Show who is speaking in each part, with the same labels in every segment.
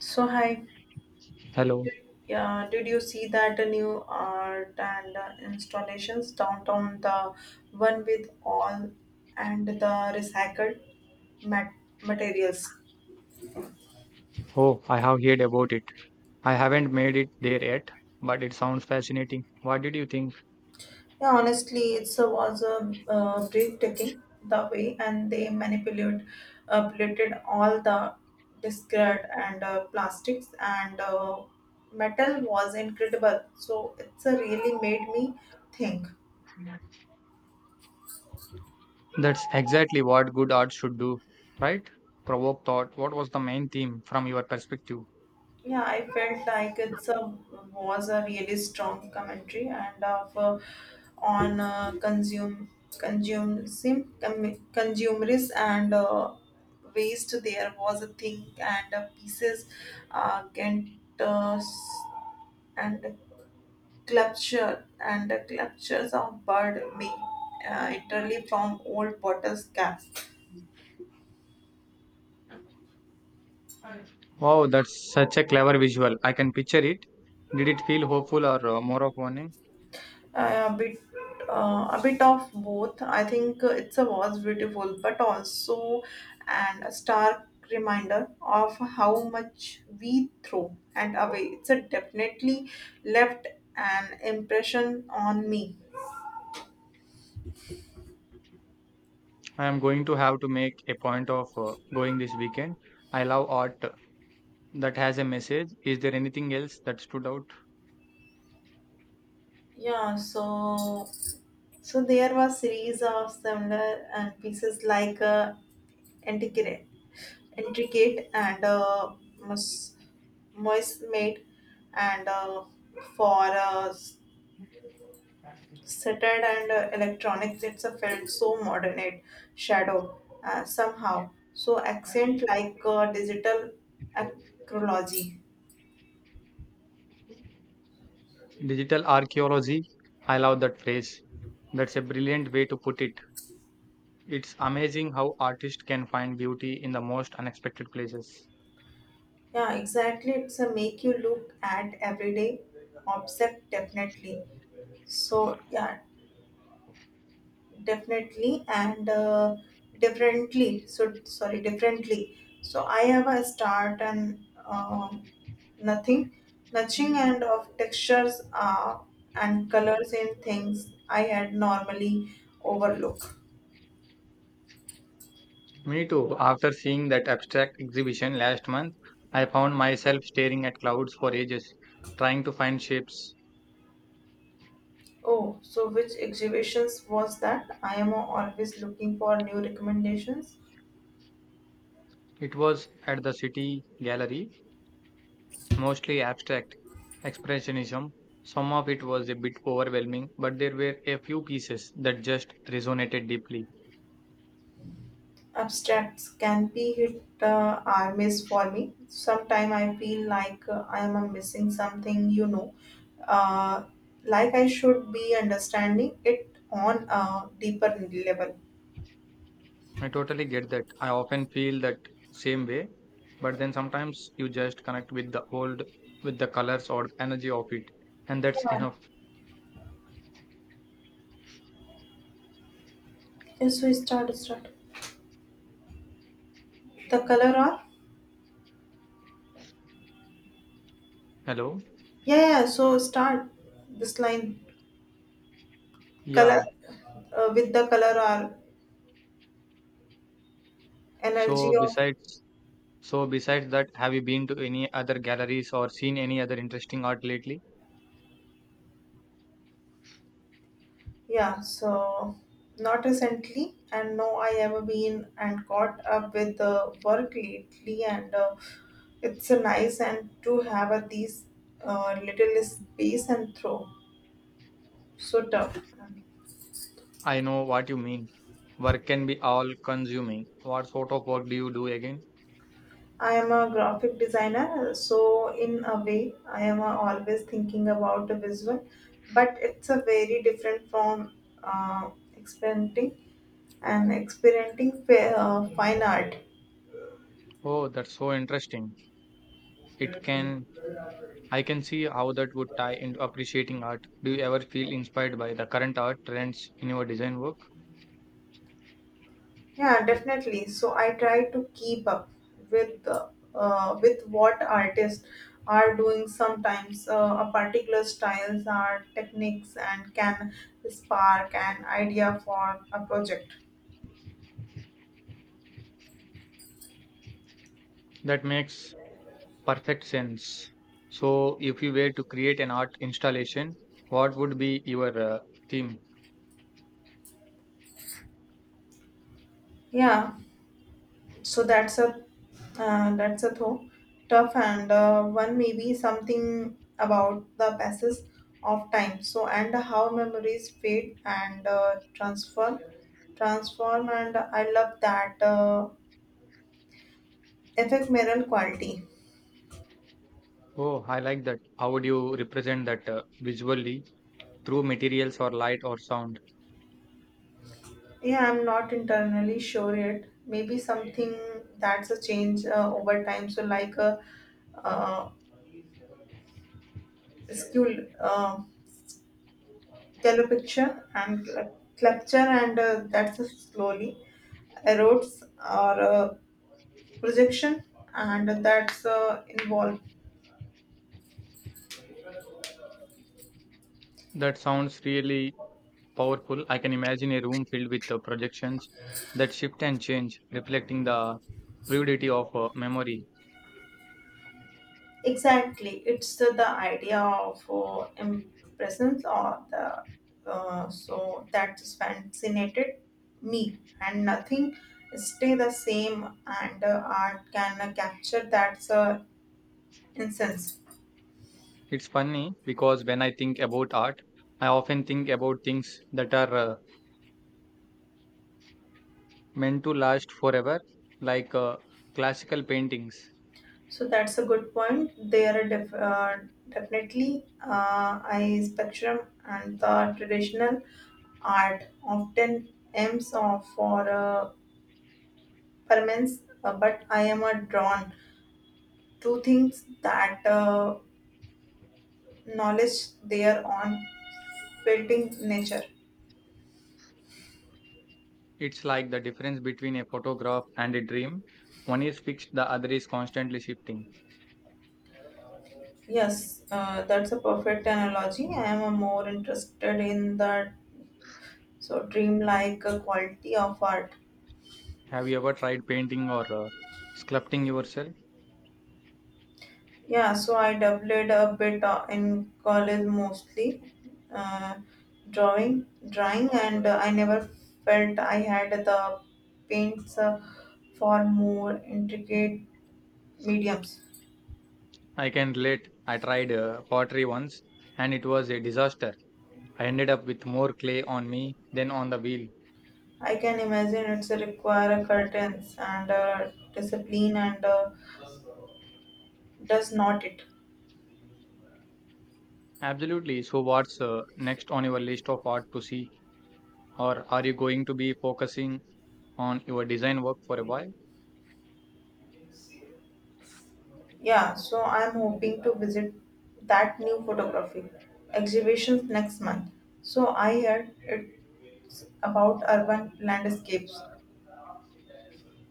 Speaker 1: So hi,
Speaker 2: Hello.
Speaker 1: yeah, did you see that new art and installations downtown? The one with all and the recycled mat- materials.
Speaker 2: Oh, I have heard about it. I haven't made it there yet, but it sounds fascinating. What did you think?
Speaker 1: Yeah, honestly, was a breathtaking the way, and they manipulate, plated all the discard and plastics and metal was incredible. So it's really made me think.
Speaker 2: That's exactly what good art should do, right? Provoke thought. What was the main theme from your perspective?
Speaker 1: Yeah, I felt like it's a was a really strong commentary and of on consumerism and waste. There was a thing and pieces Kent uh, and clutcher and clutches of bird made entirely from old bottles caps.
Speaker 2: Wow, that's such a clever visual. I can picture it. Did it feel hopeful or more of warning?
Speaker 1: Uh, a bit a bit of both I think, it's a was beautiful but also and a stark reminder of how much we throw and away, it's a definitely left an impression on me.
Speaker 2: I am going to have to make a point of going this weekend. I love art that has a message. Is there anything else that stood out?
Speaker 1: Yeah so so there was series of similar pieces like intricate intricate and mus- moist made and for Settled and electronics, it's a felt so modern it shadow somehow. So accent like digital acrology.
Speaker 2: Digital archaeology, I love that phrase. That's a brilliant way to put it. It's amazing how artists can find beauty in the most unexpected places.
Speaker 1: Yeah, exactly. It's a make you look at everyday object definitely. So yeah, definitely and differently, so sorry, differently, so I have a start and um nothing nudging and of textures, and colors in things I had normally overlook.
Speaker 2: Me too. After seeing that abstract exhibition last month, I found myself staring at clouds for ages, trying to find shapes.
Speaker 1: Oh, so which exhibitions was that? I am always looking for new recommendations.
Speaker 2: It was at the City Gallery, mostly abstract expressionism. Some of it was a bit overwhelming, but there were a few pieces that just resonated deeply.
Speaker 1: Abstracts can be hit or miss for me. Sometimes I feel like, I am missing something, you know, uh, like I should be understanding it on a deeper level.
Speaker 2: I totally get that. I often feel that same way, but then sometimes you just connect with the old, with the colors or energy of it, and that's enough.
Speaker 1: Yeah, start. The color are?
Speaker 2: Hello?
Speaker 1: Yeah, yeah, so start this line. Color,
Speaker 2: Yeah.
Speaker 1: with the color or
Speaker 2: So
Speaker 1: energy of.
Speaker 2: besides, so besides that, have you been to any other galleries or seen any other interesting art lately?
Speaker 1: Yeah, so not recently, and no, I ever been and caught up with the work lately, and it's a nice and to have a these little space and throw so tough.
Speaker 2: I know what you mean. Work can be all consuming. What sort of work do you do again?
Speaker 1: I am a graphic designer, so in a way, I am always thinking about the visual, but it's a very different from uh, experimenting experimenting fine art.
Speaker 2: Oh, that's so interesting. It can I can see how that would tie into appreciating art. Do you ever feel inspired by the current art trends in your design work?
Speaker 1: Yeah, definitely. So I try to keep up with, with what artists are doing. Sometimes a particular styles are techniques and can spark an idea for a project.
Speaker 2: That makes perfect sense. So, if you were to create an art installation, what would be your theme?
Speaker 1: Yeah, so that's a that's a though tough and one, maybe something about the passes of time. So and how memories fade and transform, and I love that Affect Ephemeral quality.
Speaker 2: Oh, I like that. How would you represent that visually through materials or light or sound?
Speaker 1: Yeah, I'm not internally sure yet. Maybe something that's a change over time. So, like a uh, skill, uh, yellow picture and and that's a slowly erodes or projection, and that's involved.
Speaker 2: That sounds really powerful. I can imagine a room filled with projections that shift and change, reflecting the fluidity of memory.
Speaker 1: Exactly. It's the idea of impressions or the so that's fascinated me, and nothing stay the same, and art can capture that's incense.
Speaker 2: It's funny because when I think about art, I often think about things that are meant to last forever, like classical paintings.
Speaker 1: So that's a good point. There are definitely eye spectrum and the traditional art often aims of for permanence, but I am a drawn Two things that knowledge they are on fitting nature.
Speaker 2: It's like the difference between a photograph and a dream. One is fixed, the other is constantly shifting.
Speaker 1: Yes, that's a perfect analogy. I am more interested in that so dreamlike quality of art.
Speaker 2: Have you ever tried painting or sculpting yourself?
Speaker 1: Yeah, so I dabbled a bit in college, mostly uh, drawing, and I never felt I had the paints for more intricate mediums.
Speaker 2: I can relate. I tried pottery once and it was a disaster. I ended up with more clay on me than on the wheel.
Speaker 1: I can imagine it's a require a curtains and a discipline, and does not it.
Speaker 2: Absolutely. So, what's next on your list of art to see? Or are you going to be focusing on your design work for a while?
Speaker 1: Yeah, so I'm hoping to visit that new photography exhibitions next month. So I heard it's about urban landscapes.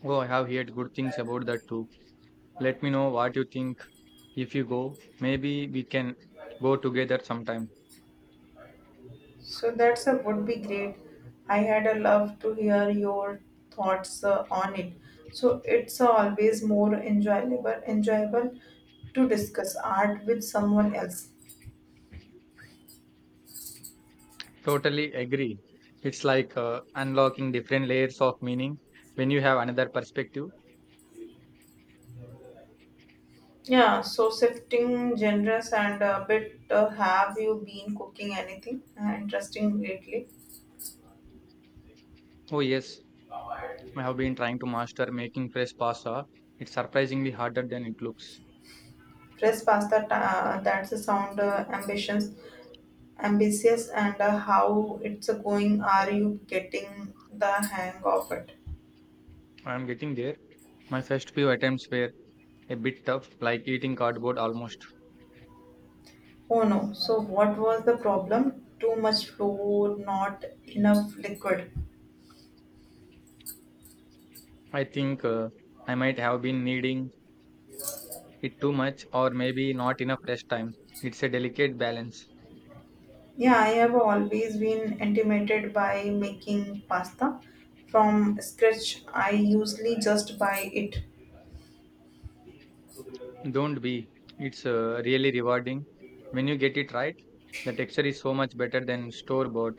Speaker 2: Oh, I have heard good things about that too. Let me know what you think if you go. Maybe we can go together sometime.
Speaker 1: So that's a would be great. I had a love to hear your thoughts on it. So it's always more enjoyable to discuss art with someone else.
Speaker 2: Totally agree. It's like unlocking different layers of meaning when you have another perspective.
Speaker 1: Yeah, so shifting genres and a bit, have you been cooking anything interesting lately?
Speaker 2: Oh, yes, I have been trying to master making fresh pasta. It's surprisingly harder than it looks.
Speaker 1: Fresh pasta, that's a sound ambitious, and how it's going? Are you getting the hang of it?
Speaker 2: I am getting there. My first few attempts were a bit tough, like eating cardboard almost.
Speaker 1: Oh no, so what was the problem? Too much flour, not enough liquid.
Speaker 2: I think I might have been needing it too much or maybe not enough rest time. It's a delicate balance.
Speaker 1: Yeah, I have always been intimidated by making pasta from scratch. I usually just buy it.
Speaker 2: Don't be. It's really rewarding. When you get it right, the texture is so much better than store bought.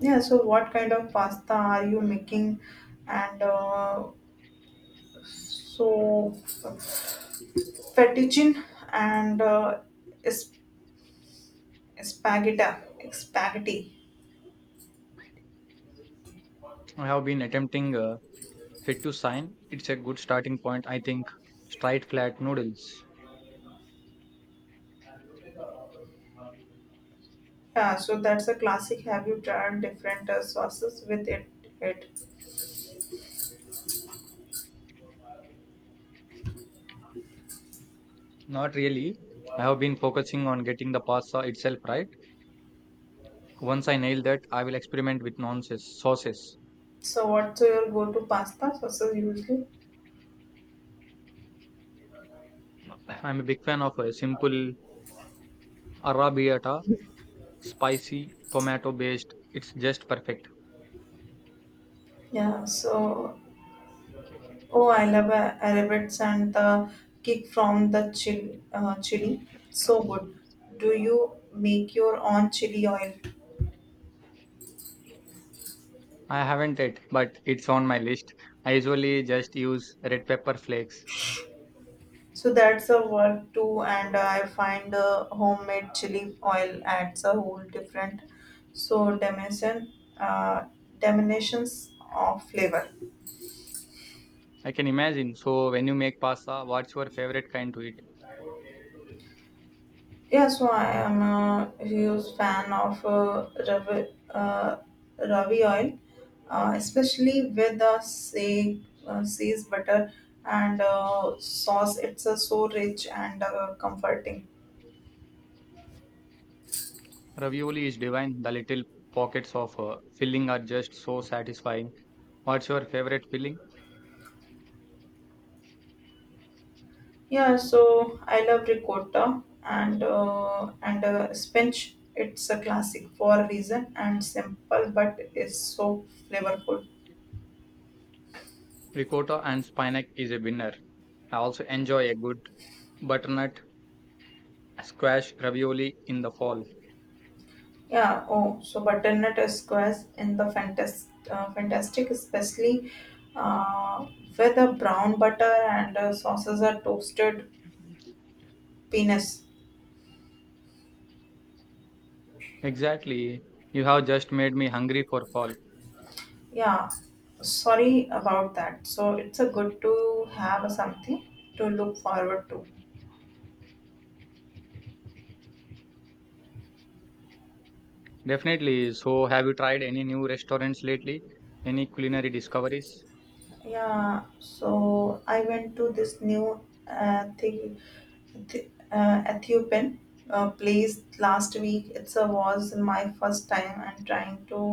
Speaker 1: Yeah, so what kind of pasta are you making? And so fettuccine and sp- spaghetti, spaghetti.
Speaker 2: I have been attempting fit to sign. It's a good starting point, I think. Straight flat noodles.
Speaker 1: Yeah, so that's a classic. Have you tried different sauces with it? It.
Speaker 2: Not really. I have been focusing on getting the pasta itself right. Once I nail that, I will experiment with nonsense sauces.
Speaker 1: So what's your go-to pasta sauces usually?
Speaker 2: I'm a big fan of a simple arrabbiata spicy tomato based. It's just perfect.
Speaker 1: Yeah, so oh, I love arabets and the kick from the chili. So good. Do you make your own chili oil?
Speaker 2: I haven't yet, but it's on my list. I usually just use red pepper flakes.
Speaker 1: So that's a work too, and I find homemade chili oil adds a whole different so dimension, uh, dimensions of flavor.
Speaker 2: I can imagine. So when you make pasta, what's your favorite kind to eat?
Speaker 1: Yeah, so I am a huge fan of ravi oil, especially with the seas butter and sauce. It's so rich and comforting.
Speaker 2: Ravioli is divine. The little pockets of filling are just so satisfying. What's your favorite filling?
Speaker 1: Yeah, so I love ricotta and spinach. It's a classic for a reason and simple, but it's so flavorful.
Speaker 2: Ricotta and spinach is a winner. I also enjoy a good butternut squash ravioli in the fall.
Speaker 1: Yeah. Oh, so butternut squares in the fantastic, especially uh, with the brown butter and sauces are toasted penis.
Speaker 2: Exactly. You have just made me hungry for fall.
Speaker 1: Yeah. Sorry about that. So it's a good to have something to look forward to.
Speaker 2: Definitely. So, have you tried any new restaurants lately? Any culinary discoveries?
Speaker 1: Yeah, so I went to this new Ethi- Ethiopian place last week. It's a was my first time and trying to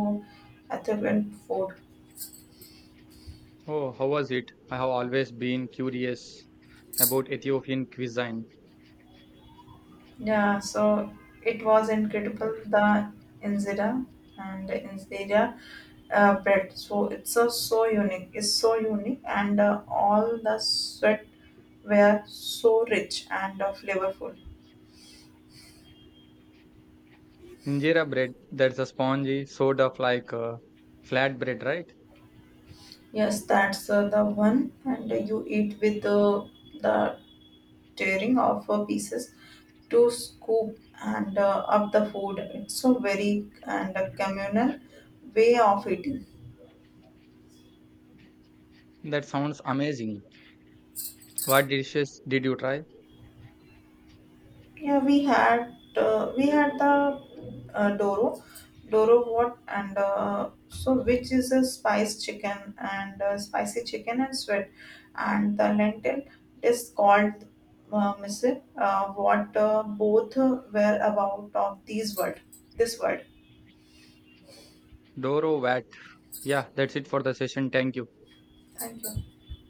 Speaker 1: Ethiopian food.
Speaker 2: Oh, how was it? I have always been curious about Ethiopian cuisine.
Speaker 1: Yeah, so it was incredible the injera and the injera bread. So it's a, so unique and all the sweat were so rich and flavorful.
Speaker 2: Injera bread, that's a spongy sort of like flat bread, right?
Speaker 1: Yes, that's the one, and you eat with the tearing of pieces to scoop and up the food. It's a very and a communal way of eating.
Speaker 2: That sounds amazing. What dishes did you try?
Speaker 1: Yeah, we had the uh, Doro, Doro what, and so which is a spiced chicken and spicy chicken and sweet, and the lentil is called misir. What both were about of this word.
Speaker 2: Doro wat. Yeah, that's it for the session. Thank you.
Speaker 1: Thank you.